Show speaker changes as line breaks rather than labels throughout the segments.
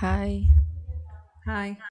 Hi.
Hi.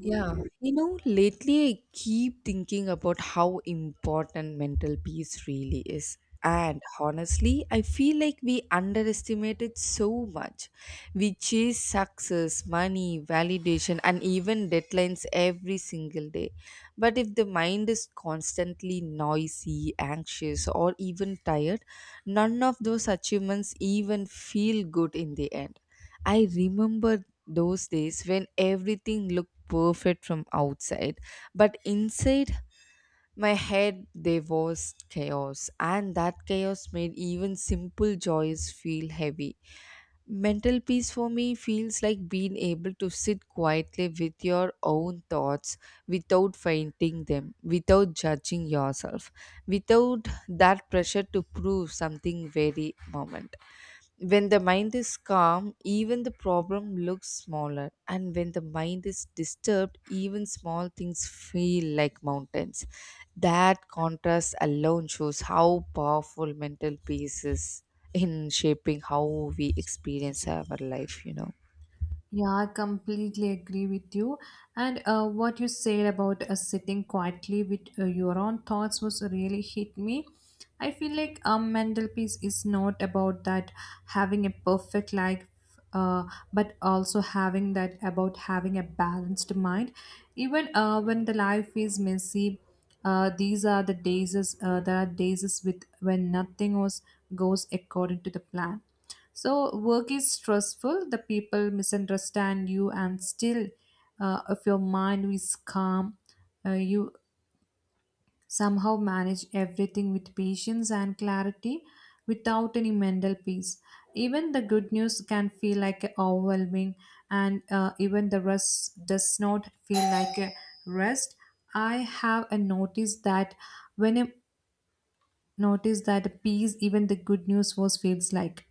Yeah, you know, lately I keep thinking about how important mental peace really is. And honestly, I feel like we underestimate it so much. We chase success, money, validation, and even deadlines every single day. But if the mind is constantly noisy, anxious, or even tired, none of those achievements even feel good in the end. I remember those days when everything looked perfect from outside, but inside my head there was chaos, and that chaos made even simple joys feel heavy. Mental peace for me feels like being able to sit quietly with your own thoughts, without fighting them, without judging yourself, without that pressure to prove something very moment. When the mind is calm, even the problem looks smaller. And when the mind is disturbed, even small things feel like mountains. That contrast alone shows how powerful mental peace is in shaping how we experience our life, you know.
Yeah, I completely agree with you. And what you said about sitting quietly with your own thoughts was really hit me. I feel like a mental peace is not about that having a perfect life, uh, but also having that about having a balanced mind. Even when the life is messy, these are the days. Is- there are days is with when nothing was goes according to the plan. So work is stressful, the people misunderstand you, and still, if your mind is calm, you somehow manage everything with patience and clarity without any mental peace. Even the good news can feel like overwhelming, and even the rest does not feel like a rest. I have noticed that when I'm notice that peace even the good news was feels like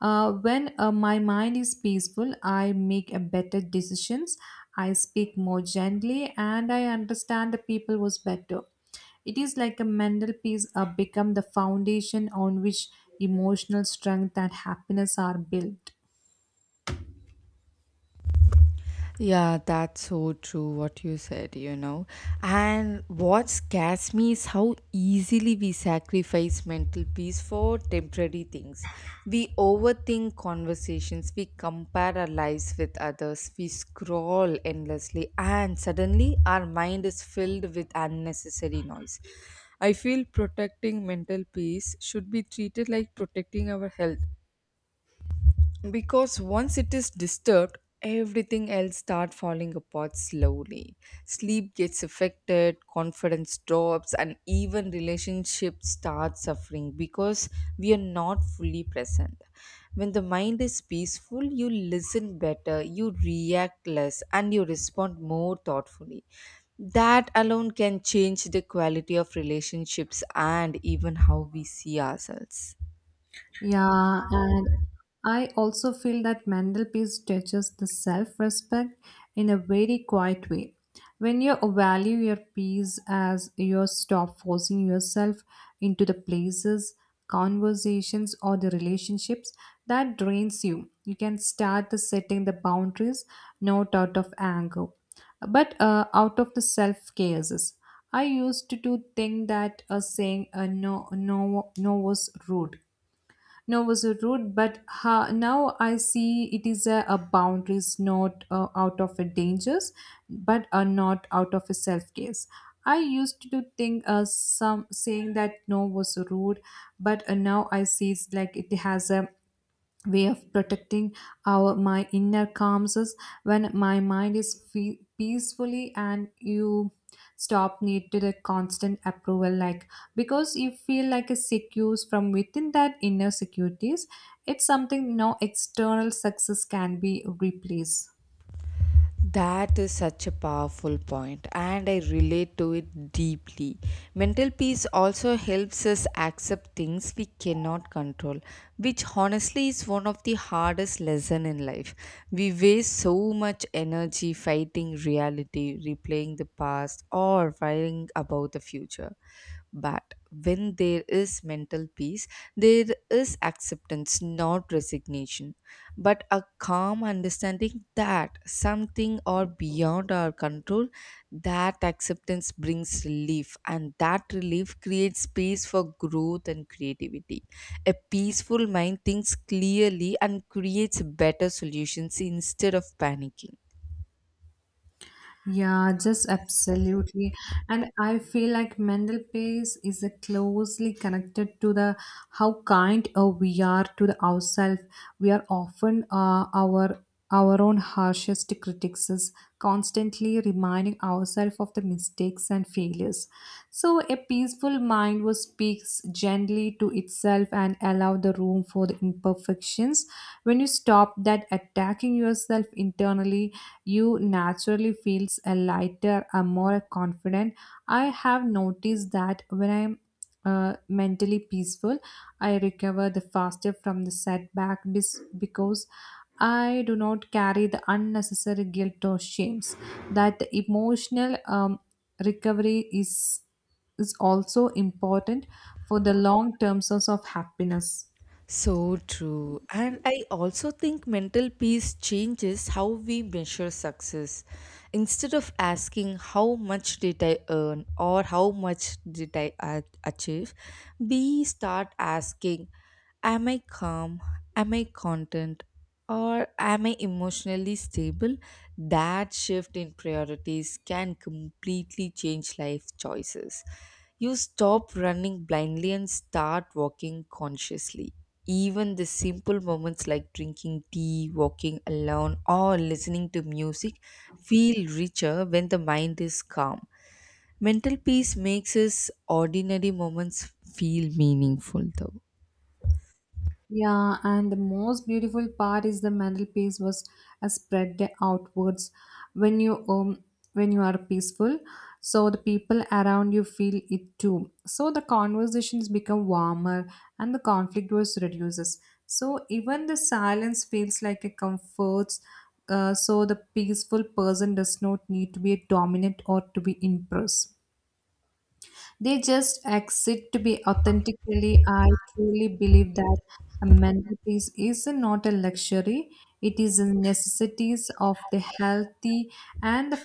when my mind is peaceful, I make a better decisions. I speak more gently and I understand the people was better. It is like a mental peace become the foundation on which emotional strength and happiness are built.
Yeah, that's so true what you said, you know. And what scares me is how easily we sacrifice mental peace for temporary things. We overthink conversations, we compare our lives with others, we scroll endlessly, and suddenly our mind is filled with unnecessary noise. I feel protecting mental peace should be treated like protecting our health, because once it is disturbed, everything else starts falling apart slowly. Sleep gets affected, confidence drops, and even relationships start suffering because we are not fully present. When the mind is peaceful, you listen better, you react less, and you respond more thoughtfully. That alone can change the quality of relationships and even how we see ourselves.
Yeah, and I also feel that mental peace teaches the self respect in a very quiet way. When you value your peace as you stop forcing yourself into the places, conversations, or the relationships that drains you, you can start the setting the boundaries not out of anger, but out of the self cares. I used to do think that saying no was rude. No was a route but now I see it is a boundaries, not out of a dangers, but are not out of a self case. I used to think some saying that no was rude, but now I see it's like it has a way of protecting our my inner calms is when my mind is peacefully, and you stop need to the constant approval like because you feel like a secure from within that inner securities. It's something no external success can be replaced.
That is such a powerful point, and I relate to it deeply. Mental peace also helps us accept things we cannot control, which honestly is one of the hardest lessons in life. We waste so much energy fighting reality, replaying the past, or worrying about the future. But when there is mental peace, there is acceptance, not resignation, but a calm understanding that something or beyond our control. That acceptance brings relief, and that relief creates space for growth and creativity. A peaceful mind thinks clearly and creates better solutions instead of panicking.
Yeah, just absolutely. And I feel like mental peace is a closely connected to the how kind we are to the ourselves. We are often our own harshest critics, constantly reminding ourselves of the mistakes and failures. So a peaceful mind who speaks gently to itself and allow the room for the imperfections. When you stop that attacking yourself internally, you naturally feels a lighter, a more confident. I have noticed that when I'm mentally peaceful. I recover the faster from the setback because I do not carry the unnecessary guilt or shames. That emotional recovery is also important for the long term source of happiness.
So true. And I also think mental peace changes how we measure success. Instead of asking how much did I earn or how much did I achieve, we start asking, am I calm? Am I content? Or am I emotionally stable? That shift in priorities can completely change life choices. You stop running blindly and start walking consciously. Even the simple moments like drinking tea, walking alone, or listening to music feel richer when the mind is calm. Mental peace makes us ordinary moments feel meaningful, though.
Yeah, and the most beautiful part is the mantelpiece was spread outwards. When you um when you are peaceful, so the people around you feel it too. So the conversations become warmer and the conflict was reduces. So even the silence feels like a comforts. So the peaceful person does not need to be dominant or to be impressed. They just exist to be authentically. I truly believe that a mental peace is not a luxury, it is a necessity of the healthy and the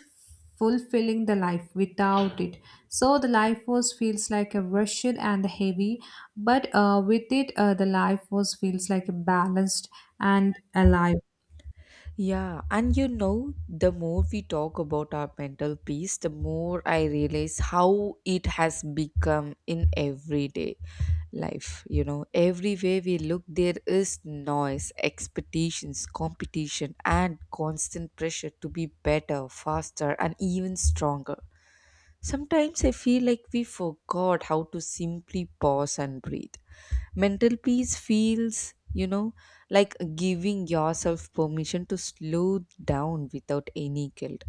fulfilling the life without it. So the life force feels like a rushed and heavy, but with it, the life force feels like a balanced and alive.
Yeah, and you know, the more we talk about our mental peace, the more I realize how it has become in everyday life. You know, everywhere we look, there is noise, expectations, competition, and constant pressure to be better, faster, and even stronger. Sometimes I feel like we forgot how to simply pause and breathe. Mental peace feels, you know, like giving yourself permission to slow down without any guilt.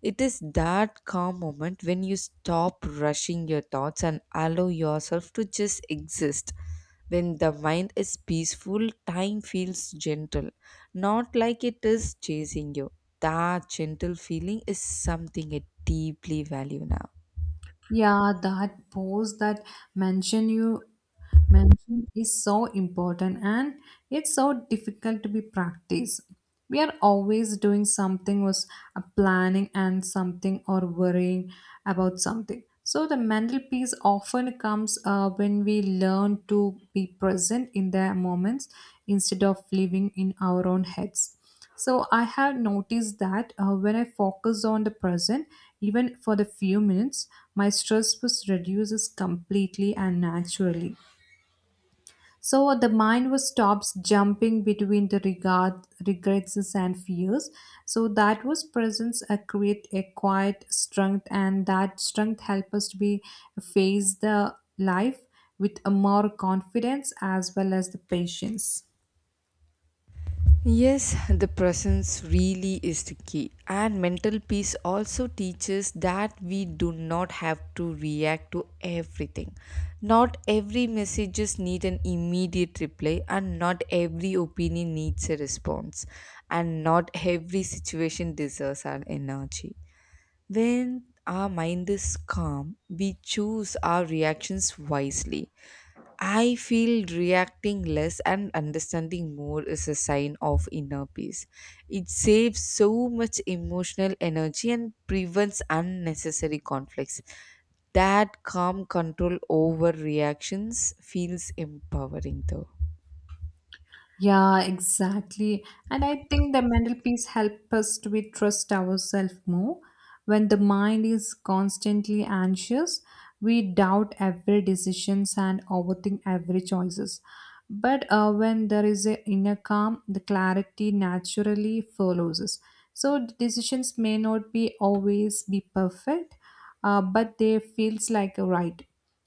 It is that calm moment when you stop rushing your thoughts and allow yourself to just exist. When the mind is peaceful, time feels gentle, not like it is chasing you. That gentle feeling is something I deeply value now.
Yeah, that pose that mention you. Meditation is so important and it's so difficult to be practiced. We are always doing something was planning and something or worrying about something. So the mental peace often comes when we learn to be present in the moments instead of living in our own heads. So I have noticed that when I focus on the present, even for the few minutes, my stress was reduces completely and naturally. So the mind was stops jumping between the regrets and fears. So that was presence create a quiet strength, and that strength help us to be face the life with a more confidence as well as the patience.
Yes, the presence really is the key. And mental peace also teaches that we do not have to react to everything. Not every messages need an immediate reply, and not every opinion needs a response, and not every situation deserves our energy. When our mind is calm, we choose our reactions wisely. I feel reacting less and understanding more is a sign of inner peace. It saves so much emotional energy and prevents unnecessary conflicts. That calm control over reactions feels empowering though.
Yeah, exactly. And I think the mental peace helps us to be trust ourselves more. When the mind is constantly anxious, we doubt every decisions and overthink every choices. But when there is a inner calm, the clarity naturally follows us. So the decisions may not be always be perfect, but they feels like a right.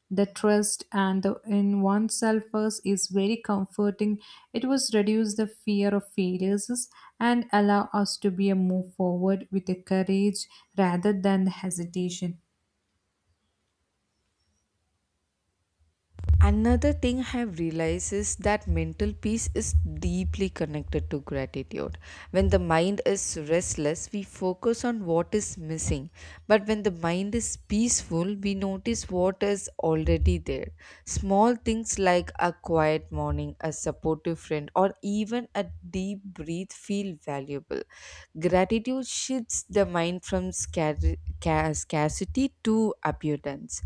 The trust and the in oneself first is very comforting. It was reduce the fear of failures and allow us to be a move forward with a courage rather than the hesitation.
Another thing I've realized is that mental peace is deeply connected to gratitude. When the mind is restless, we focus on what is missing. But when the mind is peaceful, we notice what is already there. Small things like a quiet morning, a supportive friend, or even a deep breath feel valuable. Gratitude shifts the mind from scarcity to abundance.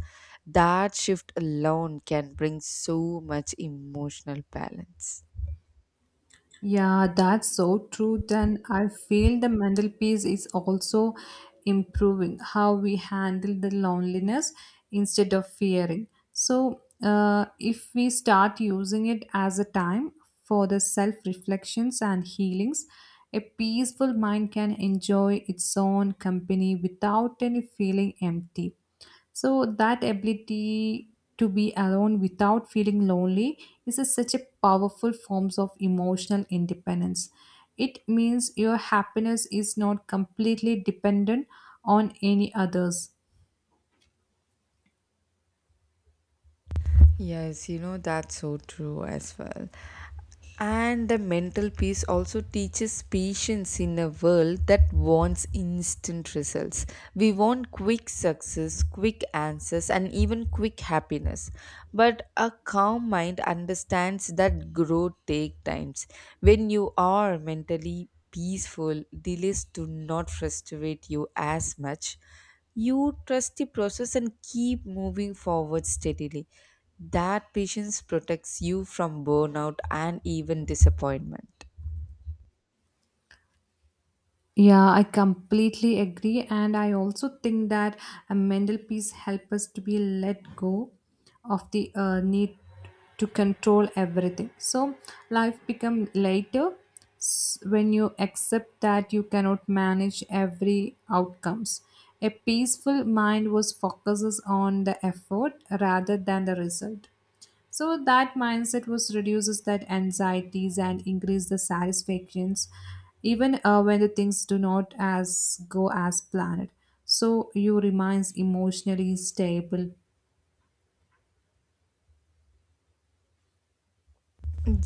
That shift alone can bring so much emotional balance.
Yeah, that's so true. Then I feel the mental peace is also improving how we handle the loneliness instead of fearing. So, if we start using it as a time for the self reflections and healings, a peaceful mind can enjoy its own company without any feeling empty. So that ability to be alone without feeling lonely is such a powerful forms of emotional independence. It means your happiness is not completely dependent on any others.
Yes, you know, that's so true as well. And the mental peace also teaches patience in a world that wants instant results. We want quick success, quick answers, and even quick happiness. But a calm mind understands that growth takes times. When you are mentally peaceful, delays do not frustrate you as much. You trust the process and keep moving forward steadily. That patience protects you from burnout and even disappointment.
Yeah, I completely agree. And I also think that a mental peace helps us to be let go of the need to control everything. So life become lighter when you accept that you cannot manage every outcomes. A peaceful mind was focuses on the effort rather than the result. So that mindset was reduces that anxieties and increase the satisfactions, even when the things do not as go as planned. So you remains emotionally stable.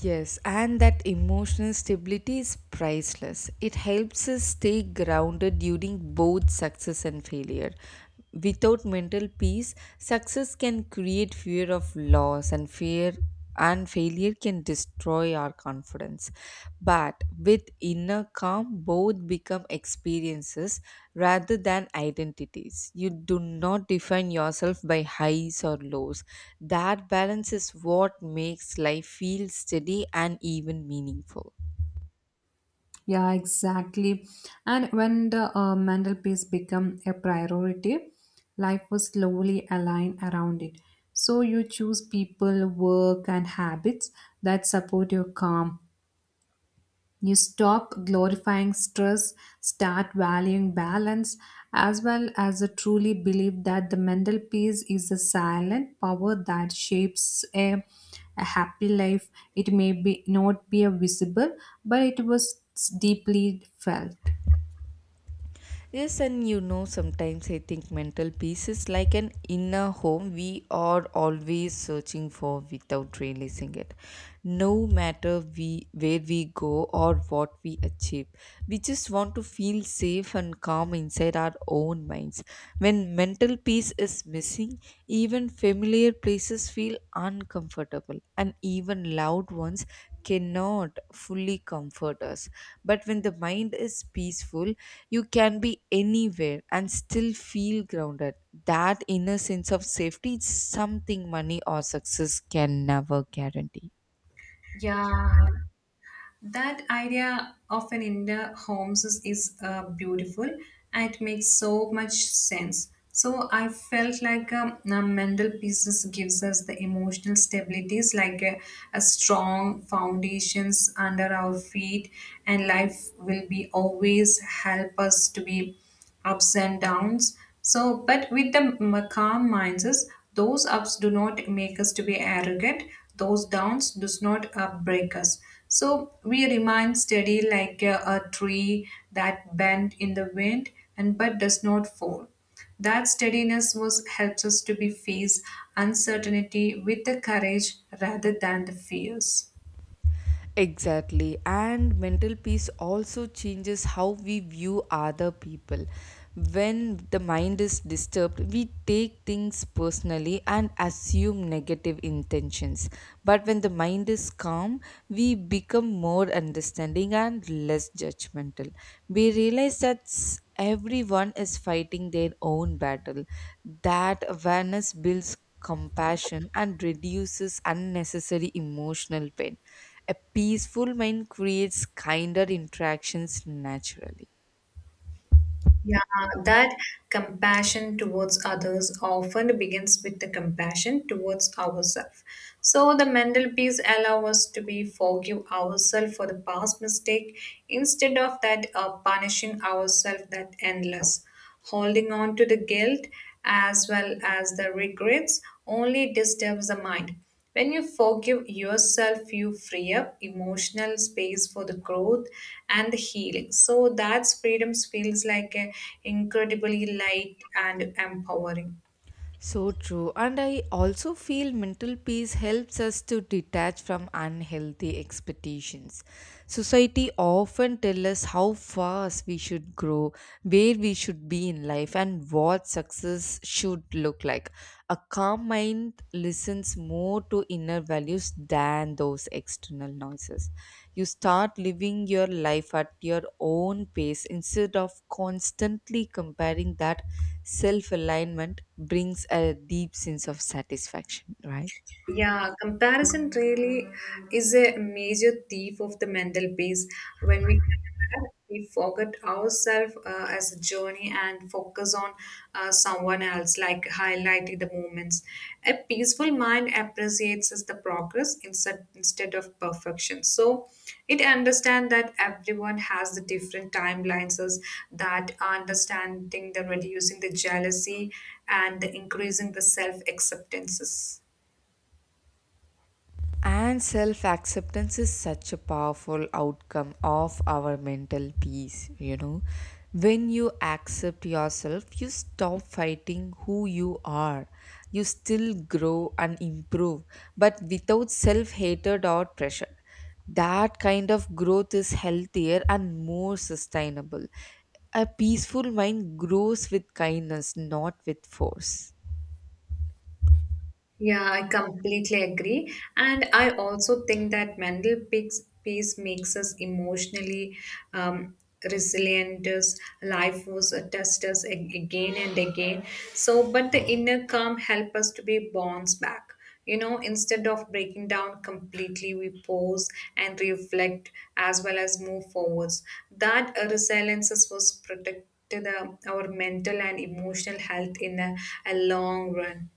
Yes, and that emotional stability is priceless. It helps us stay grounded during both success and failure. Without mental peace, success can create fear of loss and fear, and failure can destroy our confidence. But with inner calm, both become experiences rather than identities. You do not define yourself by highs or lows. That balance is what makes life feel steady and even meaningful.
Yeah, exactly. And when the mental peace become a priority, life was slowly aligned around it. So you choose people, work, and habits that support your calm. You stop glorifying stress, start valuing balance, as well as a truly believe that the mental peace is a silent power that shapes a happy life. It may be not be a visible, but it was deeply felt.
Yes, and you know, sometimes I think mental peace is like an inner home we are always searching for without realizing it. No matter we where we go or what we achieve, we just want to feel safe and calm inside our own minds. When mental peace is missing, even familiar places feel uncomfortable, and even loud ones cannot fully comfort us. But when the mind is peaceful, you can be anywhere and still feel grounded. That inner sense of safety is something money or success can never guarantee.
Yeah, that idea of an indoor homes is beautiful and it makes so much sense. So I felt like a mental pieces gives us the emotional stabilities like a strong foundations under our feet, and life will be always help us to be ups and downs. So, but with the calm minds, is those ups do not make us to be arrogant. Those downs does not break us. So we remain steady like a tree that bent in the wind and but does not fall. That steadiness was helps us to be face uncertainty with the courage rather than the fears.
Exactly, and mental peace also changes how we view other people. When the mind is disturbed, we take things personally and assume negative intentions. But when the mind is calm, we become more understanding and less judgmental. We realize that everyone is fighting their own battle. That awareness builds compassion and reduces unnecessary emotional pain. A peaceful mind creates kinder interactions naturally.
Yeah, that compassion towards others often begins with the compassion towards ourselves. So the mental peace allows us to be forgive ourselves for the past mistake instead of that punishing ourselves that endless. Holding on to the guilt as well as the regrets only disturbs the mind. When you forgive yourself, you free up emotional space for the growth and the healing. So that's freedom feels like a incredibly light and empowering.
So true. And I also feel mental peace helps us to detach from unhealthy expectations. Society often tells us how fast we should grow, where we should be in life, and what success should look like. A calm mind listens more to inner values than those external noises. You start living your life at your own pace instead of constantly comparing. That self alignment brings a deep sense of satisfaction, right?
Yeah, comparison really is a major thief of the mental peace. When we compare, we forget ourselves as a journey and focus on someone else, like highlighting the moments. A peaceful mind appreciates as the progress instead of perfection. So it understands that everyone has the different timelines, as that understanding the reducing the jealousy and the increasing the self acceptances.
And self acceptance is such a powerful outcome of our mental peace, you know. When you accept yourself, you stop fighting who you are. You still grow and improve, but without self hatred or pressure. That kind of growth is healthier and more sustainable. A peaceful mind grows with kindness, not with force.
Yeah, I completely agree. And I also think that peace makes us emotionally um, resilient. As Life was a test us again and again. So, but the inner calm help us to be bounced back. You know, instead of breaking down completely, we pause and reflect as well as move forwards. That resilience is was protected our mental and emotional health in a long run.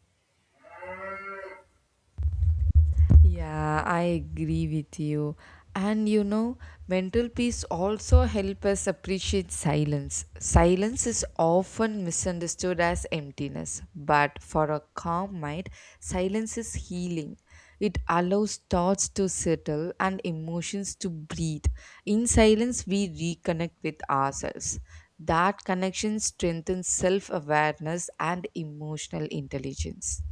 Yeah, I agree with you. And you know, mental peace also help us appreciate silence. Silence is often misunderstood as emptiness, but for a calm mind, silence is healing. It allows thoughts to settle and emotions to breathe. In silence, we reconnect with ourselves. That connection strengthens self awareness and emotional intelligence.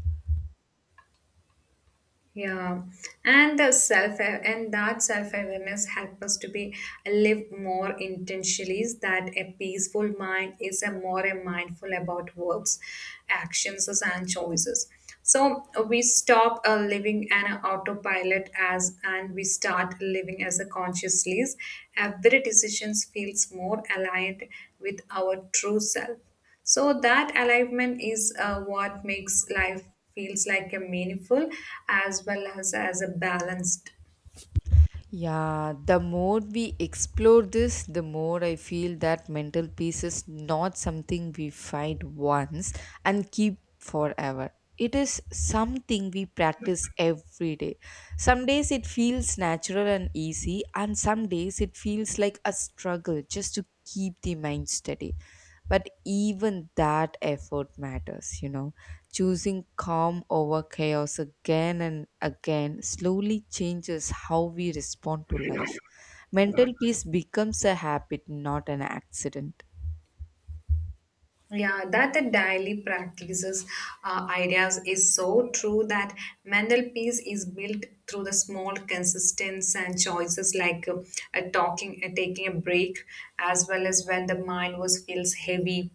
Yeah, and the self and that self awareness help us to be live more intentionally. Is that a peaceful mind is a more a mindful about works, actions, and choices. So we stop living an autopilot as and we start living as a consciously. Every decisions feels more aligned with our true self. So that alignment is what makes life feels like a meaningful as well as a balanced.
Yeah, the more we explore this, the more I feel that mental peace is not something we find once and keep forever. It is something we practice every day. Some days it feels natural and easy, and some days it feels like a struggle just to keep the mind steady. But even that effort matters, you know. Choosing calm over chaos again and again slowly changes how we respond to life. Mental peace becomes a habit, not an accident.
Yeah, that the daily practices ideas is so true that mental peace is built through the small consistence and choices like talking, taking a break, as well as when the mind was feels heavy,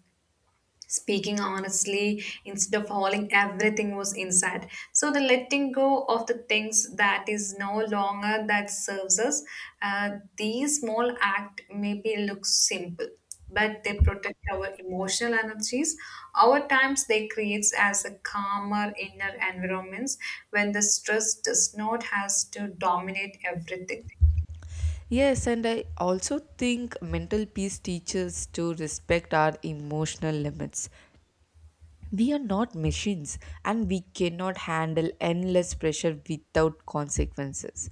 speaking honestly instead of holding everything was inside, so the letting go of the things that is no longer that serves us. uh, these small act maybe look simple, but they protect our emotional energies our times. They creates as a calmer inner environments when the stress does not has to dominate everything.
Yes, and I also think mental peace teaches to respect our emotional limits. We are not machines, and we cannot handle endless pressure without consequences.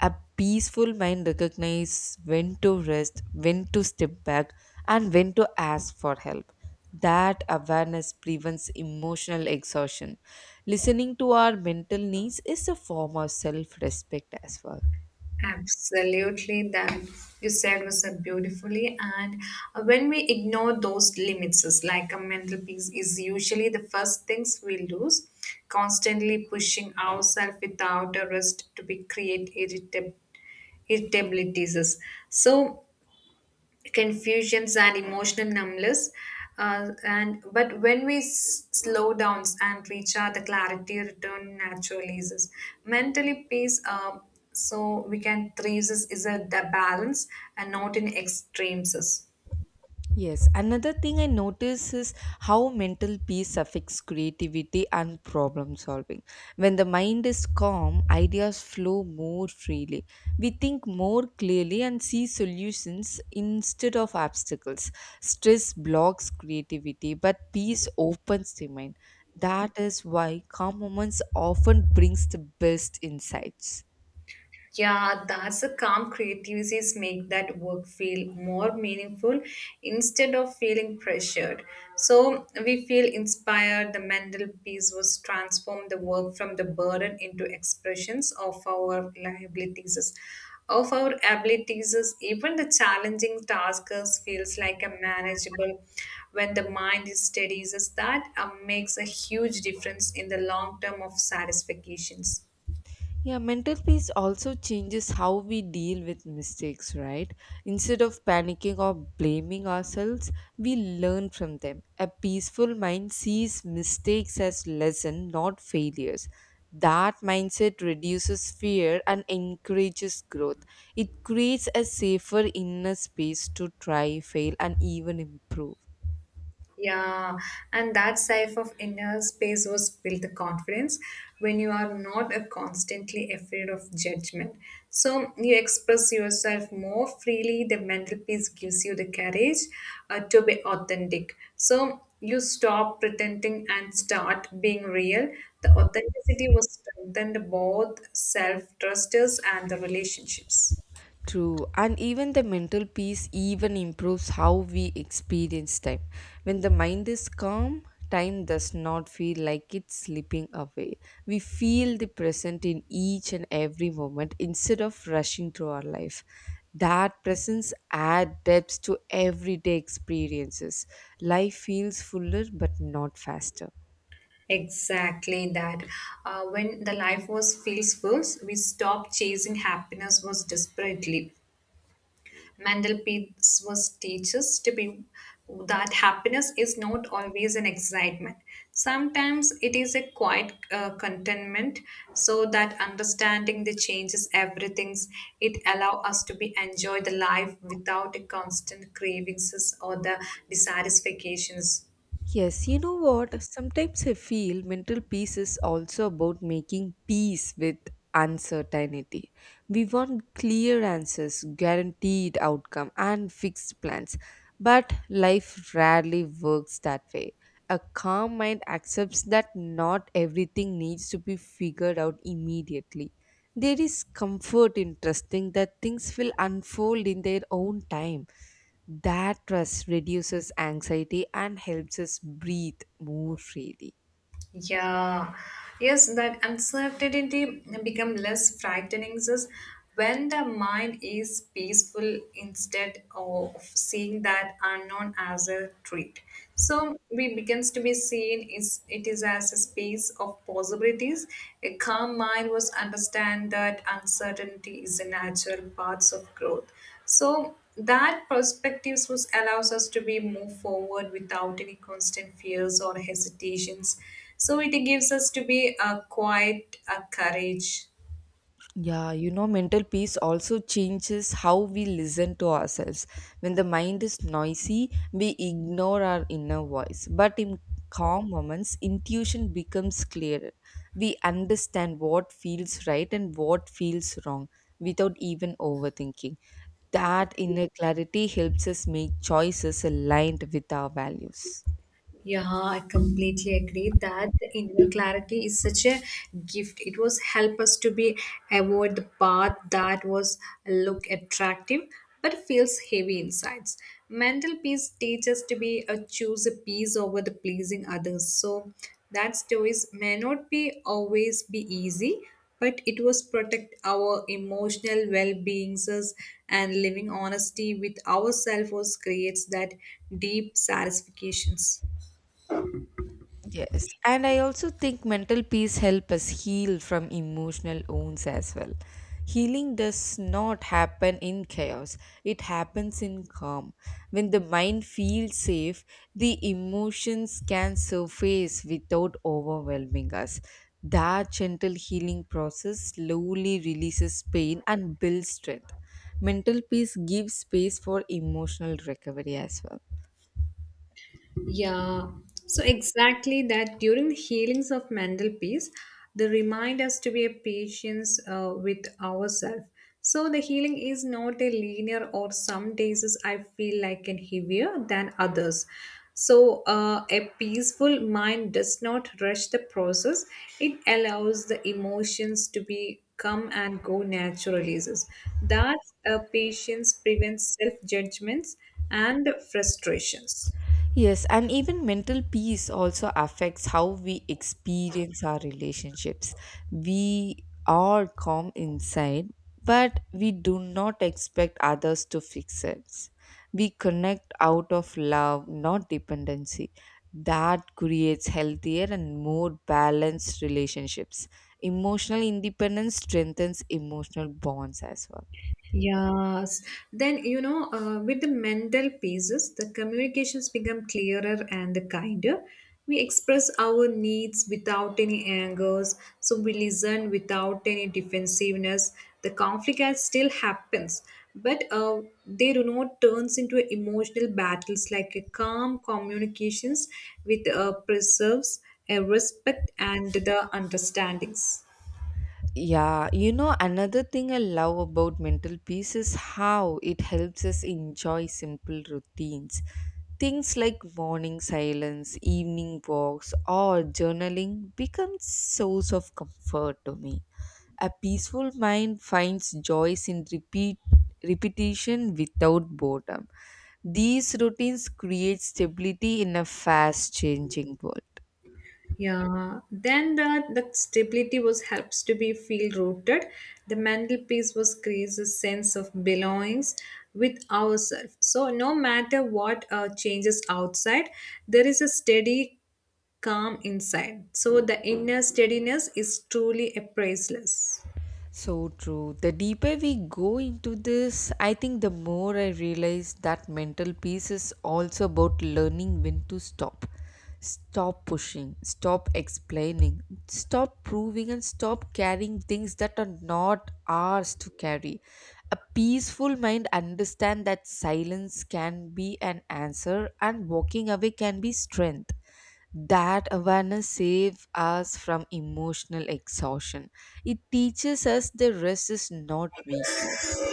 A peaceful mind recognizes when to rest, when to step back, and when to ask for help. That awareness prevents emotional exhaustion. Listening to our mental needs is a form of self respect as well.
Absolutely, that you said was said beautifully. And When we ignore those limits, it's like a mental peace is usually the first things we lose, constantly pushing ourselves without a rest to be create irritabilities. So confusions and emotional numbness. And but when we slow down and recharge, the clarity return naturally. Is this mentally peace? So we can three is a the balance and not in extremes.
Yes, another thing I notice is how mental peace affects creativity and problem solving. When the mind is calm, ideas flow more freely. We think more clearly and see solutions instead of obstacles. Stress blocks creativity, but peace opens the mind. That is why calm moments often brings the best insights.
Yeah, that's a calm creativities make that work feel more meaningful instead of feeling pressured. So we feel inspired. The mental piece was transform the work from the burden into expressions of our liabilities. Of our abilities, even the challenging tasks feels like a manageable when the mind is steady. Is that makes a huge difference in the long term of satisfactions.
Yeah, mental peace also changes how we deal with mistakes, right? Instead of panicking or blaming ourselves, we learn from them. A peaceful mind sees mistakes as lesson, not failures. That mindset reduces fear and encourages growth. It creates a safer inner space to try, fail, and even improve.
Yeah, and that safe of inner space was built the confidence when you are not constantly afraid of judgment. So you express yourself more freely. The mental peace gives you the courage to be authentic. So you stop pretending and start being real. The authenticity was strengthened both self trusters and the relationships.
True, and even the mental peace even improves how we experience time. When the mind is calm, time does not feel like it's slipping away. We feel the present in each and every moment instead of rushing through our life. That presence adds depth to everyday experiences. Life feels fuller but not faster.
Exactly that. When the life was feels full, we stopped chasing happiness was desperately. Mandel Peetz was teaches to be that happiness is not always an excitement. Sometimes it is a quiet contentment. So that understanding the changes everything's it allow us to be enjoy the life without a constant cravings or the dissatisfactions.
Yes, you know what? Sometimes I feel mental peace is also about making peace with uncertainty. We want clear answers, guaranteed outcome, and fixed plans. But life rarely works that way. A calm mind accepts that not everything needs to be figured out immediately. There is comfort in trusting that things will unfold in their own time. That trust reduces anxiety and helps us breathe more freely.
Yeah, yes, that uncertainty become less frightening is when the mind is peaceful instead of seeing that unknown as a threat. So we begins to be seen is it is as a space of possibilities. A calm mind was understand that uncertainty is a natural parts of growth. So that perspectives was allows us to be move forward without any constant fears or hesitations so it gives us to be a quiet a courage.
Yeah, you know, mental peace also changes how we listen to ourselves. When the mind is noisy, we ignore our inner voice. But in calm moments, intuition becomes clearer. We understand what feels right and what feels wrong without even overthinking. That inner clarity helps us make choices aligned with our values.
Yeah, I completely agree that the inner clarity is such a gift. It was help us to be avoid the path that was look attractive but feels heavy insides. Mental peace teaches to be a choose a peace over the pleasing others. So that choice may not be always be easy, but it was protect our emotional well-beings us, and living honesty with ourselves was creates that deep satisfactions.
Yes, and I also think mental peace helps us heal from emotional wounds as well. Healing does not happen in chaos, it happens in calm. When the mind feels safe, the emotions can surface without overwhelming us. That gentle healing process slowly releases pain and builds strength. Mental peace gives space for emotional recovery as well.
Yeah, so exactly that during the healings of mental peace, they remind us to be a patience with ourselves. So the healing is not a linear, or some days is I feel like an heavier than others. So a peaceful mind does not rush the process. It allows the emotions to be come and go naturally. That patience prevents self judgments and frustrations.
Yes, and even mental peace also affects how we experience our relationships. We are calm inside, but we do not expect others to fix us. We connect out of love, not dependency. That creates healthier and more balanced relationships. Emotional independence strengthens emotional bonds as well.
Yes. Then, you know, with the mental pieces, the communications become clearer and kinder. We express our needs without any angers. So we listen without any defensiveness. The conflict has still happens, but they do not turns into emotional battles like a calm communications with preserves a respect and the understandings.
Yeah, you know, another thing I love about mental peace is how it helps us enjoy simple routines. Things like morning silence, evening walks, or journaling become source of comfort to me. A peaceful mind finds joys in repeat repetition without boredom. These routines create stability in a fast changing world.
Yeah, then the stability was helps to be feel rooted. The mantelpiece was creates a sense of belongings with ourselves. So no matter what changes outside, there is a steady calm inside. So the inner steadiness is truly a priceless.
So true. The deeper we go into this, I think the more I realize that mental peace is also about learning when to stop. Stop pushing, stop explaining, stop proving, and stop carrying things that are not ours to carry. A peaceful mind understands that silence can be an answer and walking away can be strength. That awareness saves us from emotional exhaustion. It teaches us the rest is not weakness,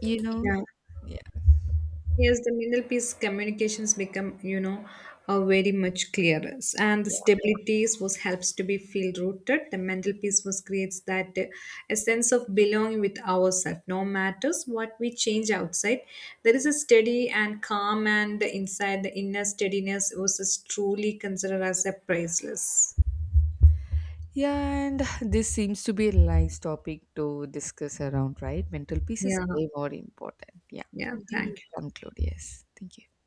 you know.
Yeah.
Yeah,
Yes, the middle piece communications become, you know, very much clearer, and the
yeah.
stability was helps to be feel rooted. The mental piece was creates that a sense of belonging with ourselves. No matters what we change outside, there is a steady and calm, and inside the inner steadiness was is truly considered as a priceless.
yeah and this seems to be a nice topic to discuss around, right? Mental peace is
Yeah,
way more important. Yeah,
yeah.
we'll
Thank you.
conclude. Yes, thank you.